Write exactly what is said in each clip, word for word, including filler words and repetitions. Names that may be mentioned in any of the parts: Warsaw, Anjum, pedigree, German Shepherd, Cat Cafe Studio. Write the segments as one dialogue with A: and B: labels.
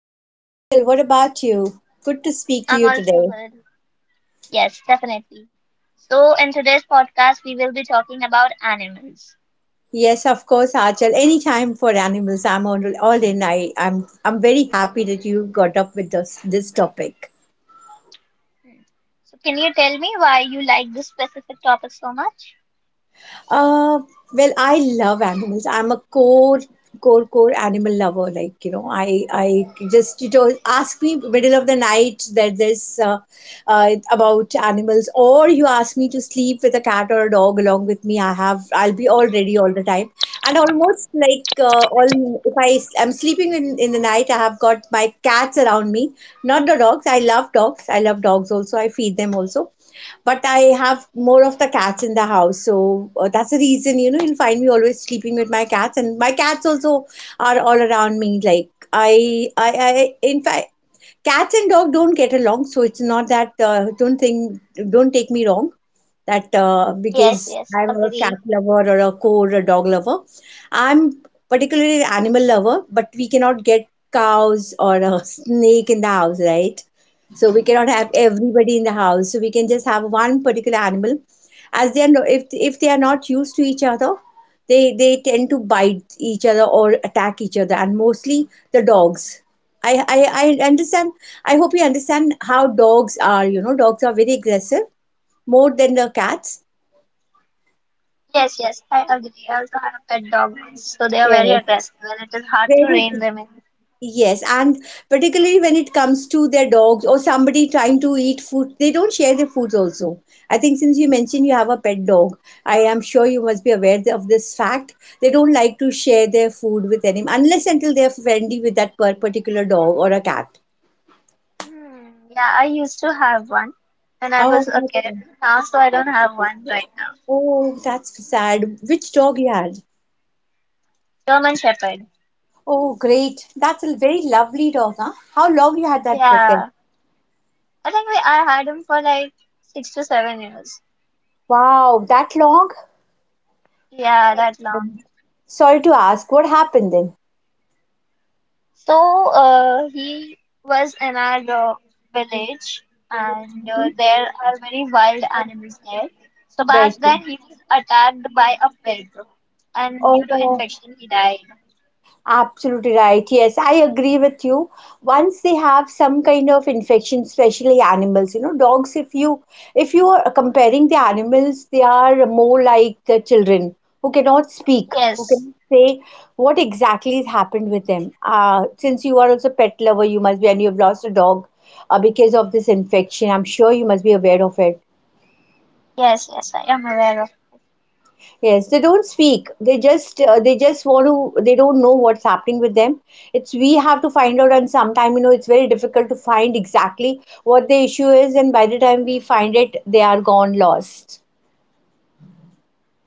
A: I'm good, Achal. What about you? Good to speak to you
B: I'm also
A: today.
B: good. Yes, definitely. So, in today's podcast, we will be talking about animals.
A: Yes, of course, Achal. Anytime for animals, I'm on all in. I, I'm I'm very happy that you got up with this this topic.
B: Hmm. So, can you tell me why you like this specific topic so much?
A: Uh, well, I love animals. I'm a core, core, core animal lover. Like you know, I, I just you know, ask me middle of the night that there's uh, uh, about animals, or you ask me to sleep with a cat or a dog along with me. I have, I'll be all ready all the time, and almost like uh, all if I am sleeping in in the night, I have got my cats around me, not the dogs. I love dogs. I love dogs also. I feed them also, but I have more of the cats in the house, so uh, that's the reason you know you'll find me always sleeping with my cats, and my cats also are all around me. Like I, I, I in fact, cats and dog don't get along, so it's not that. Uh, don't think, don't take me wrong that uh,
B: Yes,
A: because
B: yes,
A: I'm a cat
B: agree.
A: lover or a core a dog lover. I'm particularly an animal lover, but we cannot get cows or a snake in the house, right? So we cannot have everybody in the house. So we can just have one particular animal, as they are no, if if they are not used to each other, they they tend to bite each other or attack each other, and mostly the dogs. I, I, I understand. I hope you understand how dogs are. You know, dogs are very aggressive more than the cats.
B: Yes, yes, I agree. I also have pet dogs, so they are very
A: Yes.
B: aggressive and it is hard to
A: Very
B: rein
A: c-
B: them in.
A: yes, and particularly when it comes to their dogs or somebody trying to eat food, they don't share their foods also. I think since you mentioned you have a pet dog, I am sure you must be aware of this fact. They don't like to share their food with anyone unless until they are friendly with that per- particular dog or a cat.
B: Hmm, yeah, I used to have one when I
A: Oh,
B: was a
A: that's
B: kid.
A: good.
B: Now, so I don't have one right now.
A: Oh, that's sad. Which dog you had?
B: German Shepherd.
A: Oh, great. That's a very lovely dog, huh? How long you had that pet?
B: Yeah, I think we, I had him for like six to seven years.
A: Wow, that long?
B: Yeah, that long.
A: Sorry to ask, what happened then?
B: So uh, he was in our uh, village, and uh, there are very wild animals there. So back
A: Better.
B: then he was attacked by a pig, and due to
A: Oh,
B: infection he died.
A: absolutely right. Yes, I agree with you. Once they have some kind of infection, especially animals, you know, dogs, if you if you are comparing the animals, they are more like the children who cannot speak, who
B: Yes,
A: cannot say what exactly has happened with them. Uh, since you are also a pet lover, you must be, and you have lost a dog uh, because of this infection. I'm sure you must be aware of it.
B: yes, yes, I am aware of.
A: Yes, they don't speak. They just uh, they just want to. They don't know what's happening with them. It's we have to find out, and sometime you know it's very difficult to find exactly what the issue is, and by the time we find it, they are gone lost.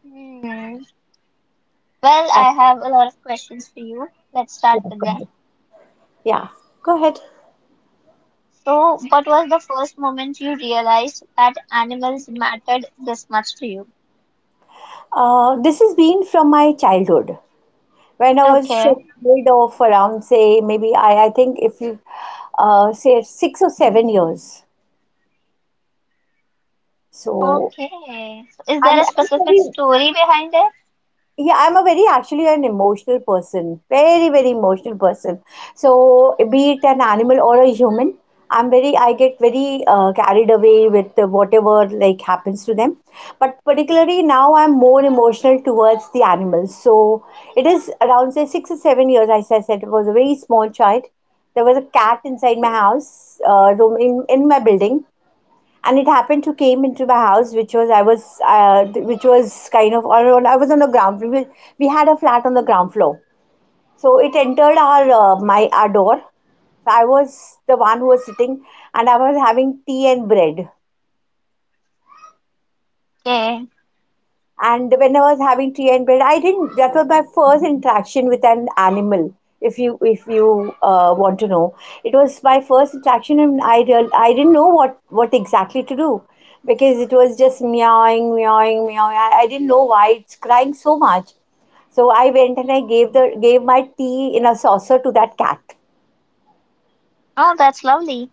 B: Hmm. Well,
A: That's
B: I have a lot of questions for you. Let's
A: yeah.
B: start with
A: Go
B: them.
A: ahead. Yeah, go ahead.
B: So, what was the first moment you realized that animals mattered this much to you?
A: Uh, this has been from my childhood when I was
B: Okay.
A: a kid of around say maybe I I think if you uh, say six or seven years. So
B: Okay. So, is
A: I'm,
B: there a
A: I'm
B: specific
A: very
B: story behind it?
A: Yeah, I'm a very actually an emotional person, very, very emotional person. So, be it an animal or a human, I'm very, I get very uh, carried away with the whatever like happens to them. But particularly now, I'm more emotional towards the animals. So, it is around say six or seven years, as I said, it was a very small child. There was a cat inside my house, uh, room in, in my building, and it happened to came into my house which was i was uh, which was kind of or on- I was on the ground we, we had a flat on the ground floor, so it entered our uh, my our door, so I was the one who was sitting, and I was having tea and bread.
B: Okay.
A: And when I was having tea and bread, I didn't. That was my first interaction with an animal. If you if you uh, want to know, it was my first interaction, and I real I didn't know what what exactly to do because it was just meowing, meowing, meowing. I, I didn't know why it's crying so much. So I went and I gave the gave my tea in a saucer to that cat.
B: Oh, that's lovely.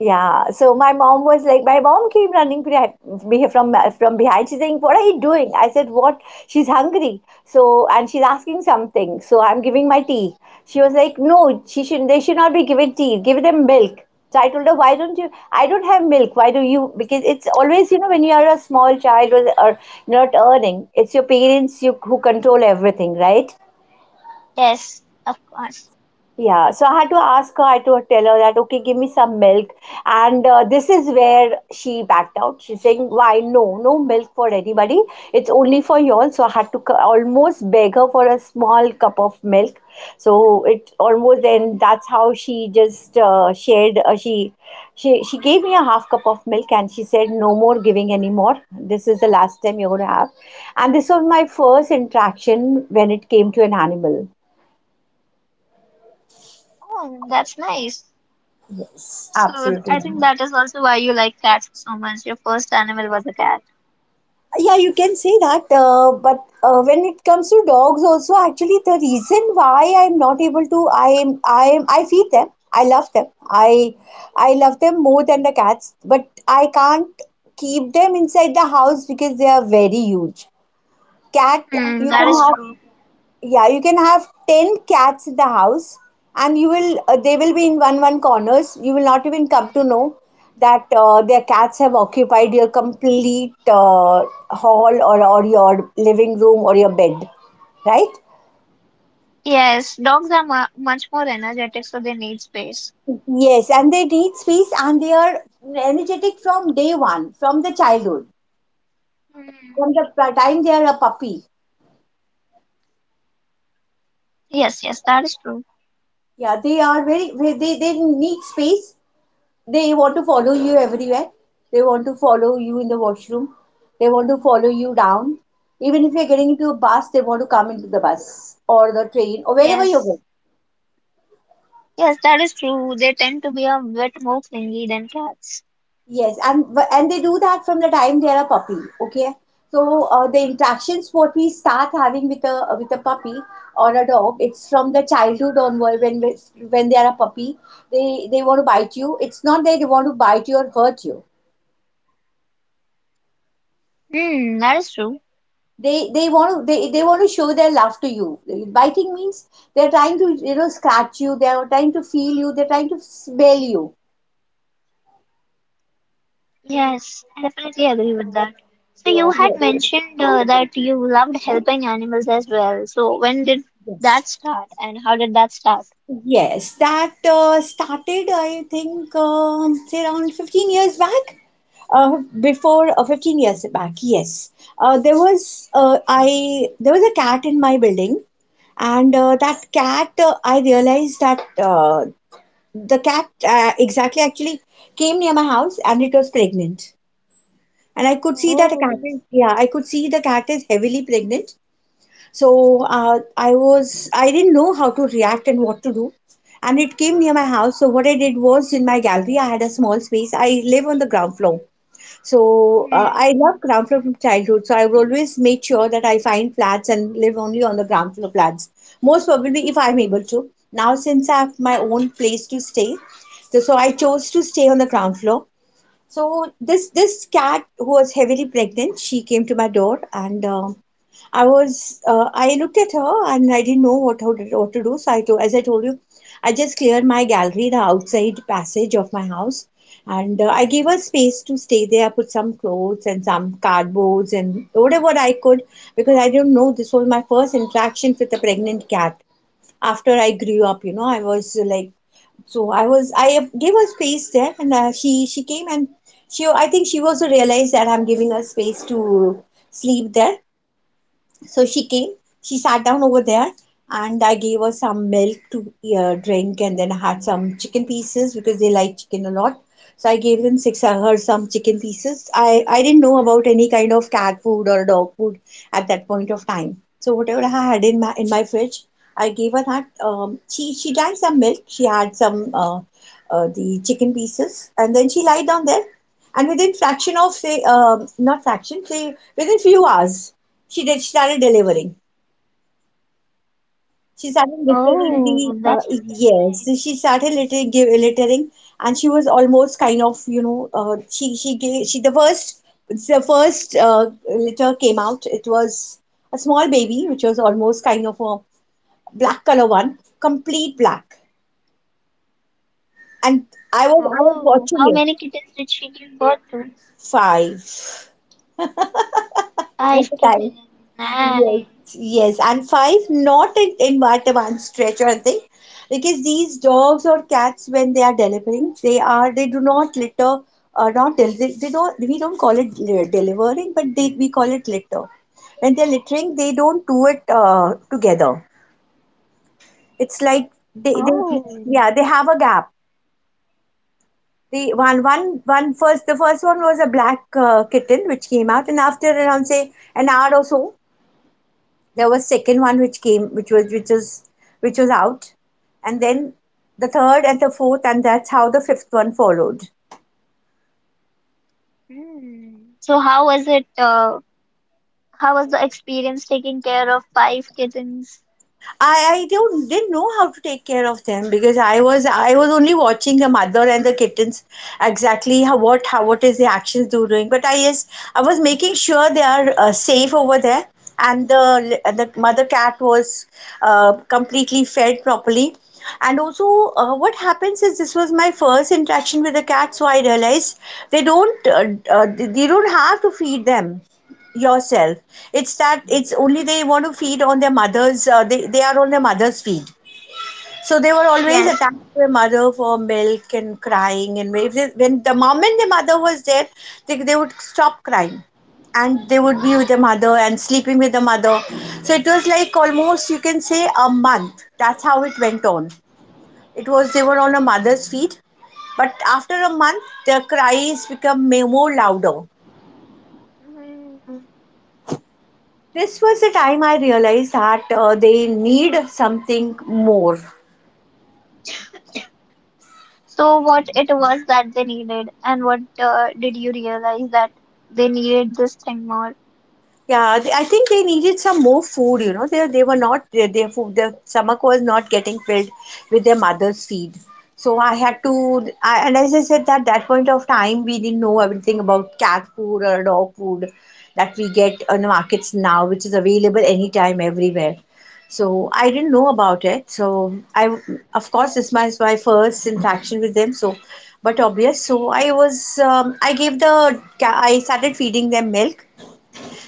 A: Yeah, so my mom was like, my mom came running behind, beh- from from behind. She's saying, "What are you doing?" I said, "What?" She's hungry, so and she's asking something. So I'm giving my tea. She was like, "No, she should. They should not be given tea. Give them milk." So I told her, "Why don't you? I don't have milk. Why do you? Because it's always, you know, when you are a small child or, or not earning, it's your parents you who control everything, right?"
B: Yes, of course.
A: Yeah, so I had to ask her, I had to tell her that, okay, give me some milk. And uh, this is where she backed out. She's saying, why no, no milk for anybody. It's only for you all. So I had to c- almost beg her for a small cup of milk. So it almost, and that's how she just uh, shared, uh, she, she, she gave me a half cup of milk and she said, no more giving anymore. This is the last time you're going to have. And this was my first interaction when it came to an animal.
B: Oh, that's nice. So th- I
A: Absolutely.
B: think that is also why you like cats so much. Your first animal was a cat.
A: Yeah, you can say that. Uh, but uh, when it comes to dogs, also actually the reason why I'm not able to, I am, I am, I feed them. I love them. I, I love them more than the cats. But I can't keep them inside the house because they are very huge. Cat,
B: Hmm,
A: you
B: that is
A: can
B: true.
A: yeah you can have ten cats in the house and you will uh, they will be in one one corners, you will not even come to know that uh, their cats have occupied your complete uh, hall or, or your living room or your bed, right?
B: Yes, dogs are mu much more energetic, so they need space.
A: Yes, and they need space, and they are energetic from day one from the childhood,
B: Hmm.
A: from the time they are a puppy.
B: Yes, yes, that is true.
A: Yeah, they are very, they they need space. They want to follow you everywhere. They want to follow you in the washroom. They want to follow you down. Even if you're getting into a bus, they want to come into the bus or the train or wherever you
B: Yes.
A: go.
B: Yes, that is true. They tend to be a bit more clingy than cats.
A: Yes, and and they do that from the time they're a puppy. Okay, so uh, the interactions what we start having with a with a puppy or a dog, it's from the childhood onward. When when they are a puppy, they they want to bite you. It's not that they want to bite you or hurt you.
B: Hmm, that is true.
A: they they want to they, they want to show their love to you, biting means they're trying to you know scratch you, they're trying to feel you, they're trying to smell you.
B: Yes, I definitely agree with that. So you had
A: Yes,
B: mentioned uh, that you loved helping animals as well. So when did
A: yes,
B: that start and how did that start?
A: yes. That uh, started, I think, um, say around fifteen years back. Uh, before uh, fifteen years back, yes. Uh, there was uh, I there was a cat in my building, and uh, that cat uh, I realized that uh, the cat uh, exactly actually came near my house and it was pregnant, and I could see that the cat
B: Oh.
A: is yeah I could see the cat is heavily pregnant. So uh, i was I didn't know how to react and what to do, and it came near my house, so what I did was in my gallery I had a small space, I live on the ground floor. So uh,
B: Hmm.
A: I love ground floor from childhood. So I will always make sure that I find flats and live only on the ground floor flats. Most probably, if I'm able to. Now, since I have my own place to stay, so, so I chose to stay on the ground floor. So this this cat who was heavily pregnant, she came to my door, and uh, I was uh, I looked at her and I didn't know what how to- what to do. So I told, as I told you, I just cleared my gallery, the outside passage of my house, and uh, I gave her space to stay there. I put some clothes and some cardboards and whatever I could because I didn't know this was my first interaction with a pregnant cat after I grew up, you know, I was uh, like, so I was, I gave her space there, and uh, she she came and she, I think she also realized that I'm giving her space to sleep there, so she came, she sat down over there, and I gave her some milk to uh, drink, and then I had some chicken pieces because they like chicken a lot. So I gave them six uh, her some chicken pieces. I I didn't know about any kind of cat food or dog food at that point of time. So whatever I had in my in my fridge, I gave her that. Um, she she drank some milk. She had some uh, uh, the chicken pieces, and then she lied down there. And within fraction of say um, not fraction say within few hours she did. She started delivering. She started
B: Oh, that's
A: littering
B: interesting.
A: the uh, yes. She started littering, give, littering, and she was almost kind of you know uh, she she gave she the first the first uh, litter came out. It was a small baby which was almost kind of a black color one, complete black. And I was I
B: Oh,
A: was
B: how many
A: watching it
B: kittens did she give birth to?
A: five
B: Five
A: at the
B: kittens.
A: time.
B: Nice.
A: Yes, yes, and five, not in, in at one stretch or thing, because these dogs or cats, when they are delivering, they are they do not litter, uh, not del- they, they don't we don't call it li- delivering, but they we call it litter. When they're littering, they don't do it uh, together. It's like they, they
B: Oh.
A: yeah they have a gap. The one one one first the first one was a black uh, kitten which came out, and after around say an hour or so, there was second one which came, which was which was which was out, and then the third and the fourth, and that's how the fifth one followed.
B: Hmm. So how was it? Uh, how was the experience taking care of five kittens?
A: I, I don't didn't know how to take care of them because I was I was only watching the mother and the kittens exactly how what how what is the actions they're doing. But I, yes, I was making sure they are uh, safe over there, and the the mother cat was uh, completely fed properly. And also, uh, what happens is this was my first interaction with the cat, so I realized they don't uh, uh, they don't have to feed them yourself. It's that it's only they want to feed on their mother's. Uh, they they are on their mother's feed. So they were always
B: Yes.
A: attached to their mother for milk and crying. And if they, when the moment the mother was there, they they would stop crying, and they would be with the mother and sleeping with the mother. So it was like almost you can say a month. That's how it went on. It was they were on a mother's feed, but after a month, their cries become ma- more louder. This was the time I realized that uh, they need something more.
B: So what it was that they needed, and what uh, did you realize that they needed this thing more?
A: Yeah, th- I think they needed some more food, you know. They, they were not, their, their food, their stomach was not getting filled with their mother's feed. So I had to, I, and as I said, that that point of time, we didn't know everything about cat food or dog food that we get on the markets now, which is available anytime, everywhere. So I didn't know about it. So I, of course, this was my first interaction with them. So, but obvious. So I was, um, I gave the, ca- I started feeding them milk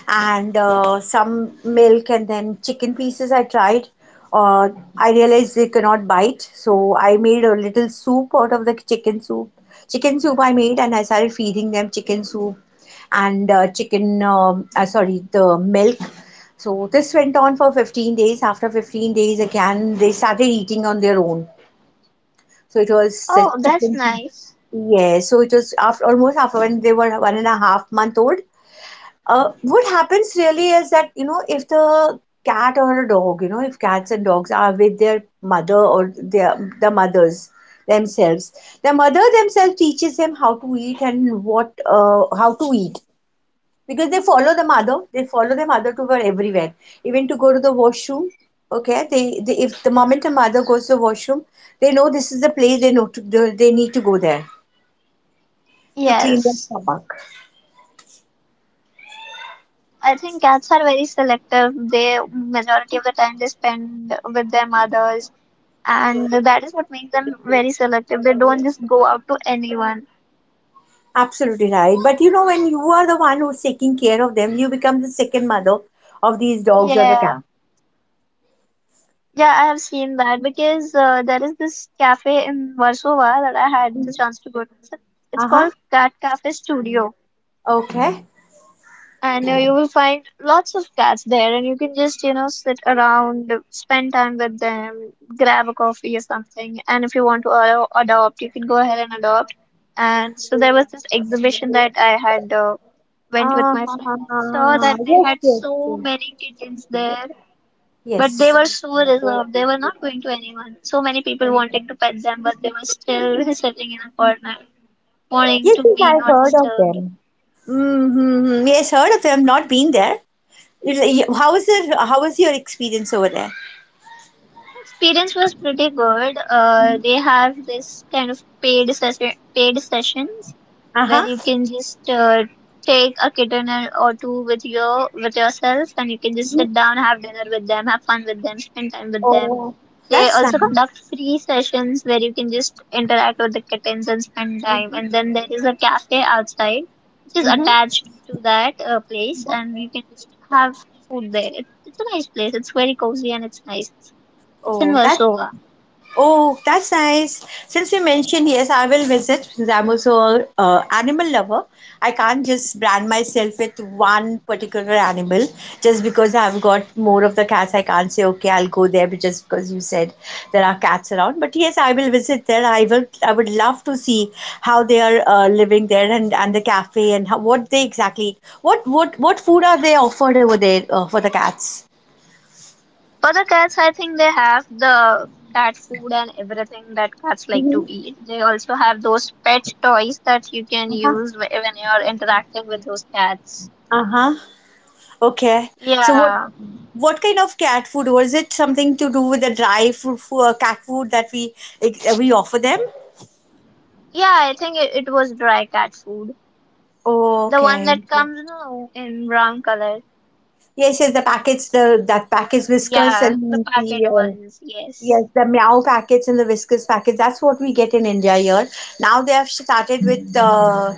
A: and uh, some milk and then chicken pieces I tried. Uh, I realized they cannot bite, so I made a little soup out of the chicken soup. Chicken soup I made, and I started feeding them chicken soup and uh, chicken, um, uh, sorry, the milk. So this went on for fifteen days. After fifteen days, again, they started eating on their own. So it was the
B: Oh, that's
A: chicken.
B: nice.
A: Yeah, so it was after almost after when they were one and a half month old. uh, what happens really is that, you know, if the cat or a dog, you know, if cats and dogs are with their mother or their the mothers themselves, the mother themselves teaches them how to eat and what uh, how to eat because they follow the mother. They follow the mother to her everywhere, even to go to the washroom. Okay, they, they if the moment a mother goes to the washroom, they know this is the place they know to, they they need to go there to clean their
B: Yes,
A: stomach.
B: I think cats are very selective. They majority of the time they spend with their mothers, and that is what makes them very selective. They don't just go out to anyone.
A: Absolutely right. But you know, when you are the one who's taking care of them, you become the second mother of these dogs or the cat.
B: Yeah, yeah, I have seen that because uh, there is this cafe in Warsaw that I had the chance to go to. It's it's
A: Uh huh.
B: called Cat Cafe Studio,
A: Okay.
B: and uh, you will find lots of cats there, and you can just you know sit around, spend time with them, grab a coffee or something. And if you want to ado- adopt, you can go ahead and adopt. And so there was this exhibition that I had uh, went with
A: Uh,
B: my friend, and I saw that they
A: Yes,
B: had
A: yes,
B: so
A: yes,
B: many kittens there, but they
A: yes.
B: were so reserved. They were not going to anyone. So many people wanting to pet them, but they were still sitting in a corner, wanting
A: Yes,
B: to
A: yes,
B: be
A: I've
B: not
A: heard of
B: disturbed.
A: them. Mm-hmm. Yes, heard of them. Not been there. You- How was the, how was your experience over there?
B: Experience was pretty good. Uh, they have this kind of paid session, paid sessions
A: Uh
B: where
A: huh.
B: you can just uh, take a kitten or or two with your with yourself, and you can just
A: Mhm.
B: sit down, have dinner with them, have fun with them, spend time with them.
A: Oh,
B: They
A: that's
B: also
A: nice.
B: conduct free sessions where you can just interact with the kittens and spend time.
A: Mhm,
B: And then there is a cafe outside, which is
A: mm-hmm,
B: attached to that uh, place,
A: mhm.
B: and you can just have food there. It, it's a nice place. It's very cozy and it's nice. It's in
A: Oh, that's
B: Warsaw.
A: Oh, that's nice. Since you mentioned, yes, I will visit since I'm also a uh, animal lover. I can't just brand myself with one particular animal just because I've got more of the cats. I can't say, okay, I'll go there but just because you said there are cats around. But yes, I will visit there. I will. I would love to see how they are uh, living there, and, and the cafe, and how, what they exactly what what what food are they offered over there uh, for the cats.
B: For the cats, I think they have the cat food and everything that cats like to eat. They also have those pet toys that you can
A: Uh-huh.
B: use wh- when you're interacting with those cats.
A: Uh huh. Okay. So what
B: Yeah.
A: what kind of cat food was it? Something to do with the dry food, uh, cat food that we eh, we offer them?
B: Yeah, I think it, it was dry cat food. The one
A: Okay.
B: that comes no, in brown color.
A: Yes, yes, the packets, the that packets, whiskers
B: Yeah, the
A: and the
B: packet
A: uh,
B: ones. Yes.
A: yes, the meow packets and the whiskers packets. That's what we get in India here. Now they have started with uh,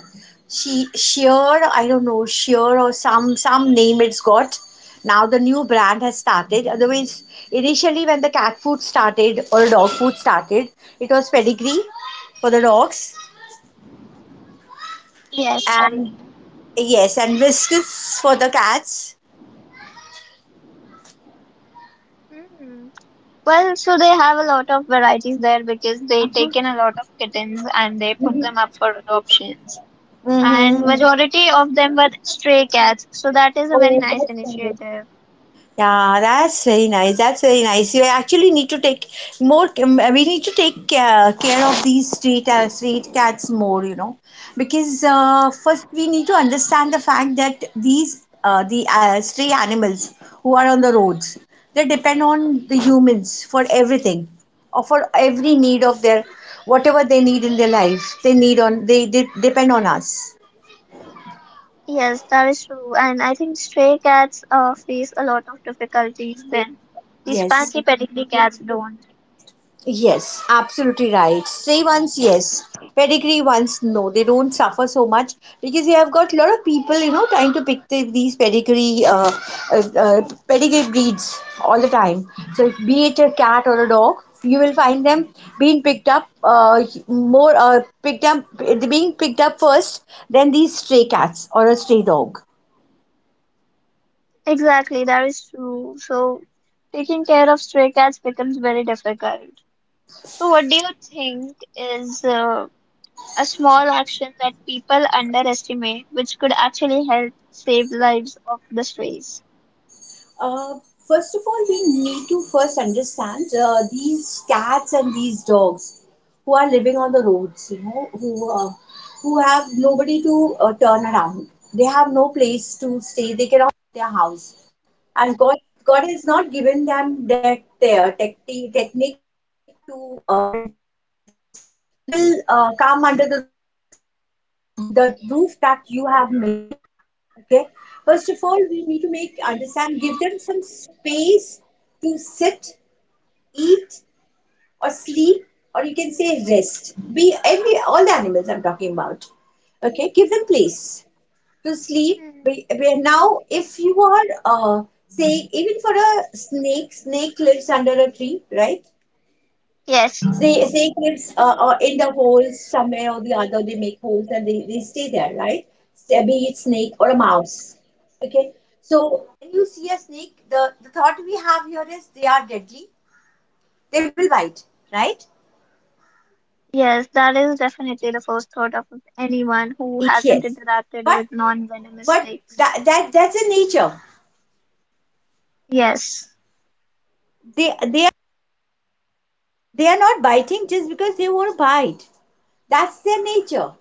A: she sheer. I don't know sheer or some some name it's got. Now the new brand has started. Otherwise, initially when the cat food started or dog food started, it was pedigree for the dogs
B: Yes,
A: and,
B: pedigree.
A: yes, and whiskers for the cats.
B: Mm. Well, so they have a lot of varieties there because they
A: Uh-huh.
B: take in a lot of kittens and they put
A: Mm-hmm.
B: them up for adoption. And
A: Mm-hmm.
B: majority of them were stray cats, so that is a very
A: Oh,
B: nice
A: that's nice.
B: initiative.
A: Yeah, that's very nice. That's very nice. You actually need to take more. um, We need to take care, care of these street uh, street cats more, you know, because uh, first we need to understand the fact that these uh, the uh, stray animals who are on the roads, they depend on the humans for everything, or for every need of their, whatever they need in their life. They need on they, they depend on us.
B: Yes, that is true, and I think stray cats uh, face a lot of difficulties then these
A: Yes.
B: fancy pedigree cats don't.
A: Yes, absolutely right. Say once yes. Pedigree once no. They don't suffer so much because you have got a lot of people, you know, trying to pick the, these pedigree, uh, uh, uh, pedigree breeds all the time. So, be it a cat or a dog, you will find them being picked up uh, more, uh, picked up, being picked up first than these stray cats or a stray dog.
B: Exactly, that is true. So taking care of stray cats becomes very difficult. So what do you think is uh, a small action that people underestimate, which could actually help save lives of the strays?
A: Uh, first of all, we need to first understand uh, these cats and these dogs who are living on the roads, you know, who uh, who have nobody to uh, turn around. They have no place to stay. They cannot leave their house, and God God has not given them that their tech, technique to uh, build their own house. So they will uh, come under the roof, where the roof that you have made. Okay, first of all we need to make understand, give them some space to sit, eat, or sleep, or you can say rest, be every all animals, I'm talking about. Okay, give them place to sleep.
B: Hmm.
A: We, we now, if you are uh, saying, even for a snake snake lives under a tree, right?
B: yes
A: they they kids uh, are in the holes somewhere or the other. They make holes and they, they stay there, right? Say, be it snake or a mouse. Okay. So when you see a snake, the, the thought we have here is they are deadly. They will bite, right?
B: Yes, that is definitely the first thought of anyone who hasn't
A: Yes.
B: interacted
A: But
B: with non-venomous
A: but
B: snakes.
A: that, that that's their nature.
B: Yes.
A: They they they are not biting just because they want to bite. That's their nature.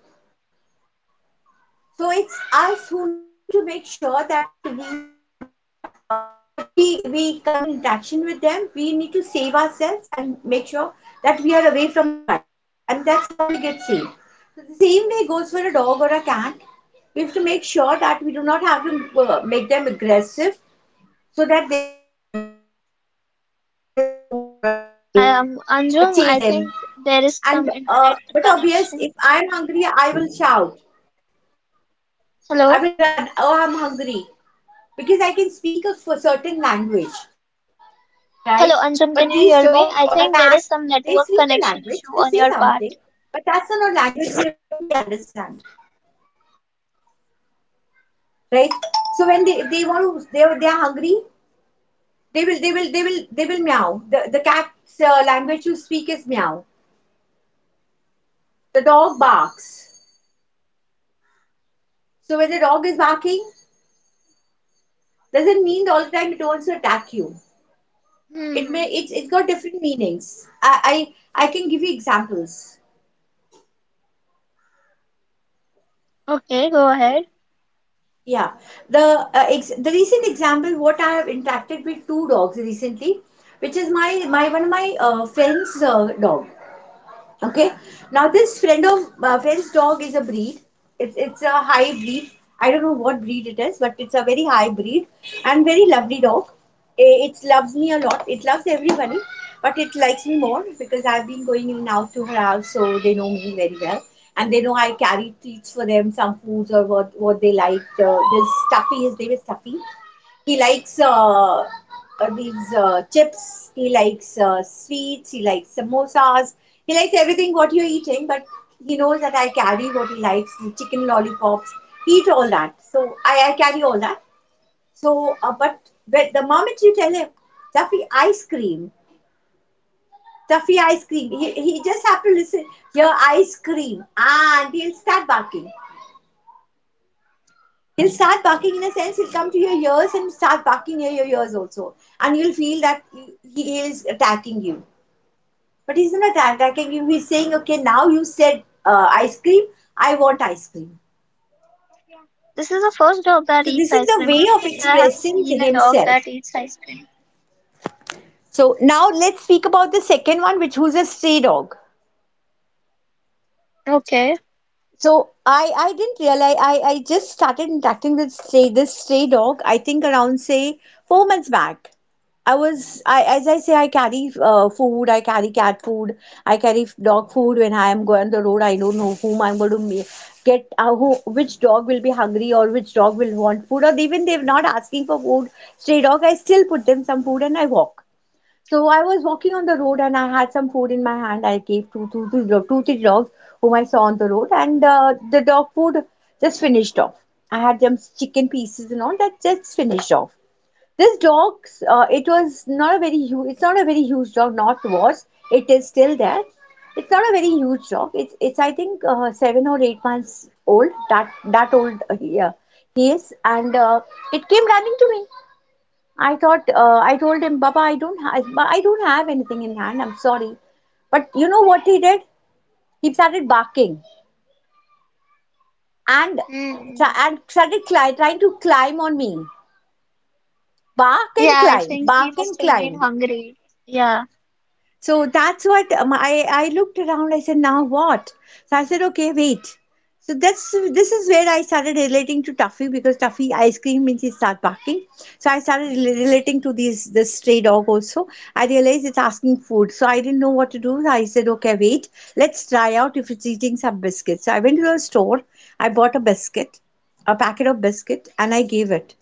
A: So it's us who need to make sure that we are not uh, if we we come in interaction with them, we need to save ourselves and make sure that we are away from their bites, and that's how we get saved. So the same way goes for a dog or a cat. We have to make sure that we do not have to uh, make them aggressive so that they bite, hit them with a with a stone or a stick, or
B: Um,
A: chase them,
B: Anjum, I think
A: and
B: there is
A: uh,
B: some
A: but
B: internet
A: obvious, if I'm
B: connection.
A: hungry, I will shout, I will run,
B: Hello?
A: oh, I'm hungry, because I can speak a f- certain language, right? But
B: Hello,
A: these
B: Anjum,
A: dog
B: can you
A: or a
B: hear me?
A: cat,
B: I think
A: they
B: there is
A: speak
B: some
A: a language,
B: network
A: they say
B: connection issue
A: something,
B: on your
A: but
B: part.
A: that's not a language that what we understand, right? So when they they want to they are- they are hungry, they will they will they will they will meow. The the cat's uh, language to speak is meow. The dog barks. So when the dog is barking, doesn't mean all the time it wants to attack you. It may it's
B: Hmm.
A: it's got different meanings. I I, I can give you examples.
B: Okay, go ahead.
A: Yeah, the uh, ex the recent example what I have interacted with two dogs recently, which is my my one of my uh, friend's uh, dog. Okay. Now this friend of uh, friend's dog is a breed. It's it's a high breed. I don't know what breed it is, but it's a very high breed and very lovely dog. I- It loves me a lot. It loves everybody, but it likes me more because I've been going in and out to her house, so they know me very well. And they know I carry treats for them, some foods or what what they like. Uh, this Stuffy, his name is Stuffy. He likes uh, uh, these uh, chips. He likes uh, sweets. He likes samosas. He likes everything what you're eating, but he knows that I carry what he likes, the chicken lollipops. He eats all that. So I, I carry all that. So, uh, but, but the moment you tell him, Tuffy ice cream, Tuffy ice cream, he, he just have to listen, hear ice cream, and he'll start barking. He'll start barking in a sense, he'll come to your ears and start barking near your ears also. And you'll feel that he is attacking you. But he's not attacking you, he's saying, okay, now you said uh, ice cream, I want ice cream.
B: This is the first dog that
A: So
B: eats
A: this is
B: ice
A: the
B: cream. I
A: way
B: don't
A: of
B: think I have
A: expressing
B: seen a dog
A: himself.
B: that eats ice cream.
A: So now let's speak about the second one, which who's a stray dog.
B: Okay.
A: So I I didn't realize I I just started interacting with stray this stray dog I think around say four months back. I was I as I say I carry uh, food, I carry cat food, I carry dog food when I am going on the road. I don't know whom I'm going to me- get uh, who which dog will be hungry or which dog will want food, or even they're not asking for food, stray dog, I still put them some food and I walk. So I was walking on the road and I had some food in my hand. I gave to to the dog- to the dogs whom I saw on the road, and uh, the dog food just finished off. I had some chicken pieces and all that just finished off. This dog's uh, it was not a very huge. It's not a very huge dog. Not was. It is still there. It's not a very huge dog. It's it's I think uh, seven or eight months old. That that old uh, he, uh, he is, and uh, it came running to me. I thought, uh, I told him, Baba, I don't, ha- I, I don't have anything in hand. I'm sorry, but you know what he did? He started barking and try-
B: Hmm.
A: and started cli- trying to climb on me. Bark and
B: Yeah, I
A: climb,
B: think he
A: bark and
B: must have been
A: climb.
B: hungry. Yeah,
A: So that's what um, I, I looked around. I said, now what? So I said, okay, wait. So that's this is where I started relating to Tuffy, because Tuffy ice cream means he start barking. So I started rela- relating to these this stray dog also. I realized it's asking food, so I didn't know what to do. I said, okay, wait, let's try out if it's eating some biscuits. So I went to a store. I bought a biscuit, a packet of biscuit, and I gave it.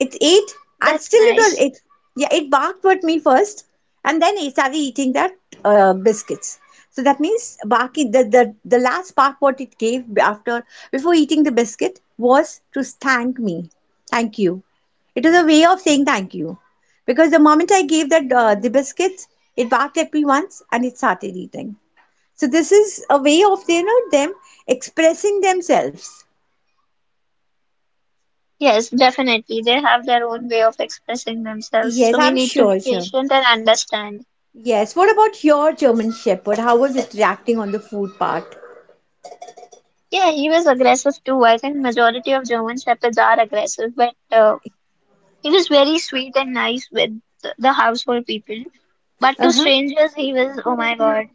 A: It ate, and
B: that's
A: still it was
B: nice.
A: it. Yeah, it barked at me first and then it started eating that uh, biscuits. So that means barking, the, the the last bark what it gave after before eating the biscuit was to thank me. Thank you. It was a way of saying thank you, because the moment I gave that uh,
B: Hmm.
A: the biscuits, it barked at me once and it started eating. So this is a way of, you know, them expressing themselves.
B: Yes, definitely. They have their own way of expressing themselves.
A: Yes,
B: So we
A: i'm
B: need to be
A: sure sure.
B: patient and understand.
A: Yes. What about your German Shepherd? How was it reacting on the food part?
B: Yeah, he was aggressive too. I think majority of German shepherds are aggressive, but uh, he was very sweet and nice with the the household people. But to
A: Uh-huh.
B: strangers, he was, oh my God,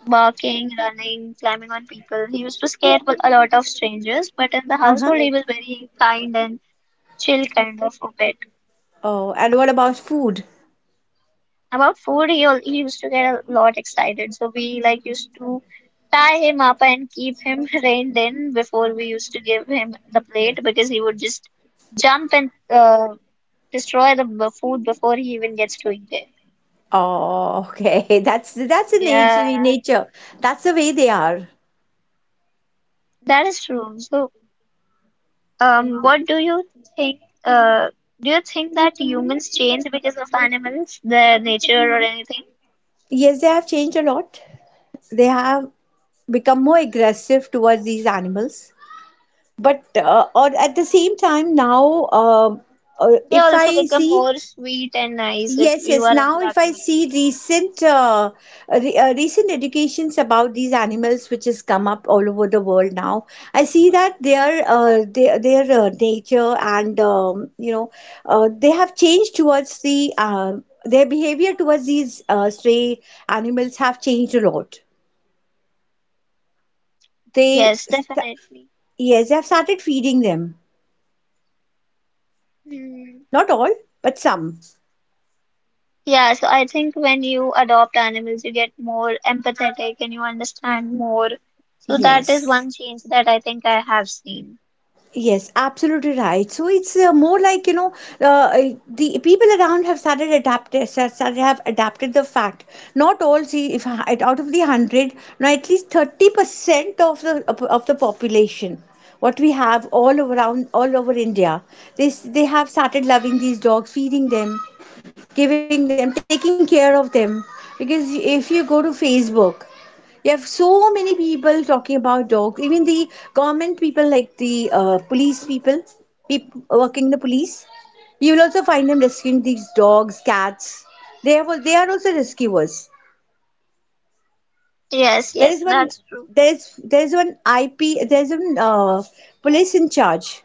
B: barking, running, climbing on people. He used to scare a lot of strangers, but in the
A: Uh-huh.
B: household, he was very kind and chill kind of.
A: Oh, and what about food?
B: About food, he, al- he used to get a lot excited, so we like used to tie him up and keep him reined in before we used to give him the plate, because he would just jump and uh, destroy the b- food before he even gets to eat it.
A: Oh, okay. That's that's a nature
B: Yeah,
A: nature. That's the way they are.
B: that is true. So, um what do you think? uh do you think that humans change because of animals, their nature, or anything?
A: Yes, they have changed a lot. They have become more aggressive towards these animals. But uh, or at the
B: Mm.
A: same time now, um uh,
B: they
A: if
B: also
A: I
B: become
A: see.
B: more sweet and nice if
A: Yes,
B: you
A: yes.
B: are
A: Now, if
B: interacting
A: I
B: with.
A: see recent uh, re uh, recent educations about these animals, which has come up all over the world now, I see that their uh, their their uh, nature, and um, you know uh, they have changed towards the uh, their behavior towards these uh, stray animals have changed a lot. They
B: Yes,
A: st
B: definitely.
A: Yes, they have started feeding them.
B: Hmm.
A: Not all, but some.
B: Yeah, so I think when you adopt animals, you get more empathetic and you understand more. So that is
A: Yes.
B: one change that I think I have seen.
A: Yes, absolutely right. So it's uh, more like, you know, uh, the people around have started adapted, started have adapted the fact. Not all. See, if h- out of the hundred, now at least thirty percent of the of the population, what we have all around all over India, they s- they have started loving these dogs, feeding them, giving them, taking care of them. Because if you go to Facebook, you have so many people talking about dogs. Even the government people, like the uh, police people, people working in the police, you will also find them rescuing these dogs, cats. They have they are also rescuers.
B: Yes,
A: There
B: yes,
A: is one
B: that's true.
A: there's there's one I P, there's one uh, police in charge.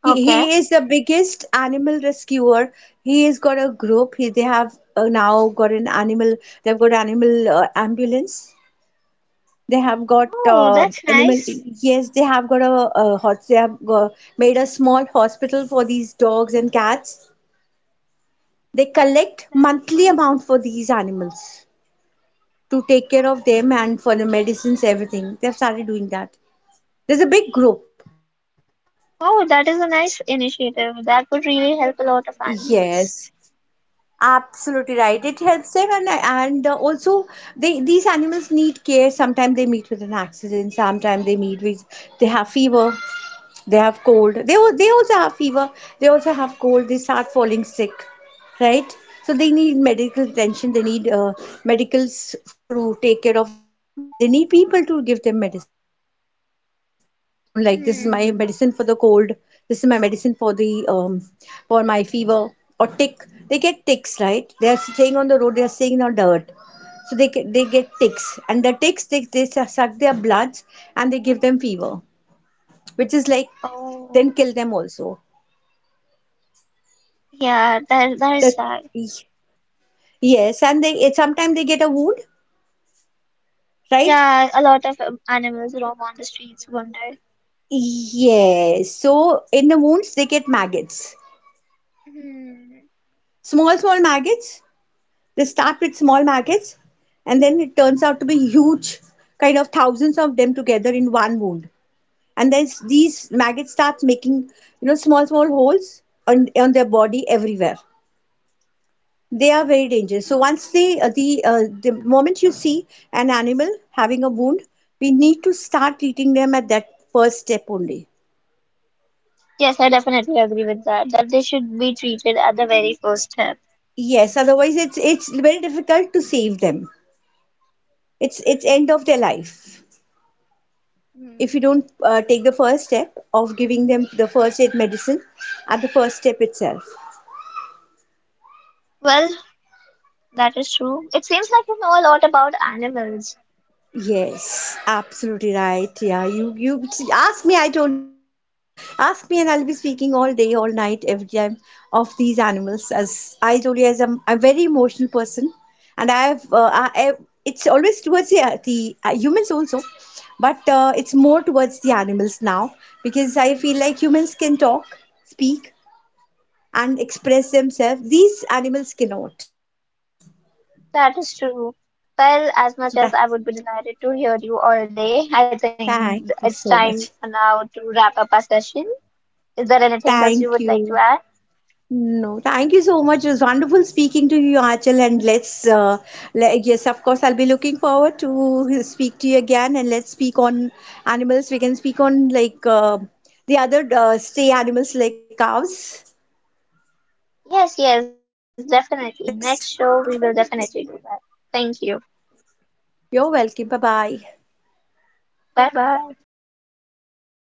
A: He
B: Okay.
A: he is the biggest animal rescuer. He has got a group. He they have uh, now got an animal. They've got animal uh, ambulance. They have got
B: Oh,
A: uh,
B: that's
A: animal.
B: nice.
A: Yes, they have got a, a hos- They have go- made a small hospital for these dogs and cats. They collect
B: That is
A: monthly
B: nice.
A: amount for these animals to take care of them and for the medicines, everything. They have started doing that. There's a big group.
B: Oh, that is a nice initiative. That would really help a lot of
A: Yes,
B: animals.
A: absolutely right. It helps them, and and uh, also they these animals need care. Sometimes they meet with an accident. Sometimes they meet with they have fever. They have cold. They al- they also have fever. They also have cold. They start falling sick, right? So they need medical attention. They need uh, medicals for to take care of them. They need people to give them medicines. They can't have medicines on their own. Like, this is my
B: Hmm.
A: medicine for the cold. This is my medicine for the um, for my fever or tick. They get ticks, right? They are staying on the road. They are staying on dirt, so they get, they get ticks, and the ticks they, they suck their bloods and they give them fever, which is like
B: Oh,
A: then kill them also.
B: yeah, that that is sad.
A: The Yes, and they it, sometimes they get a wound, right?
B: Yeah, a lot of um, animals roam on the streets one day.
A: Yes. So in the wounds they get maggots,
B: Hmm.
A: small small maggots. They start with small maggots, and then it turns out to be huge, kind of thousands of them together in one wound. And then s- these maggots starts making, you know, small small holes on on their body everywhere. They are very dangerous. So once they, uh, the uh, the moment you see an animal having a wound, we need to start treating them at that first step only.
B: Yes, I definitely agree with that, that they should be treated at the very first step.
A: Yes, otherwise it's it's very difficult to save them. It's it's end of their life
B: Hmm.
A: if you don't uh, take the first step of giving them the first aid medicine at the first step itself.
B: Well, that is true. It seems like you know a lot about animals.
A: Yes, absolutely right. Yeah, you you ask me. I told you, ask me, and I'll be speaking all day, all night, every time of these animals. As I told you, as I'm, I'm a very emotional person, and I've uh, I, I, it's always towards the uh, the uh, humans also, but uh, it's more towards the animals now, because I feel like humans can talk, speak, and express themselves. These animals cannot.
B: That is true. Well,
A: So that.
B: as much as I would be delighted to hear you all day, I think
A: Thank
B: it's
A: you
B: time
A: so
B: for
A: much.
B: now to wrap up our session. Is there anything else you would like to
A: Thank
B: add?
A: you. No, thank you so much. It was wonderful speaking to you, Achal, and let's uh, le- yes, of course, I'll be looking forward to speak to you again, and let's speak on animals. We can speak on, like, uh, the other uh, stray animals like cows.
B: Yes, yes,
A: The
B: definitely.
A: next
B: Next show, we will
A: podcast.
B: definitely do that. Thank you.
A: You're welcome. Bye bye.
B: Bye bye.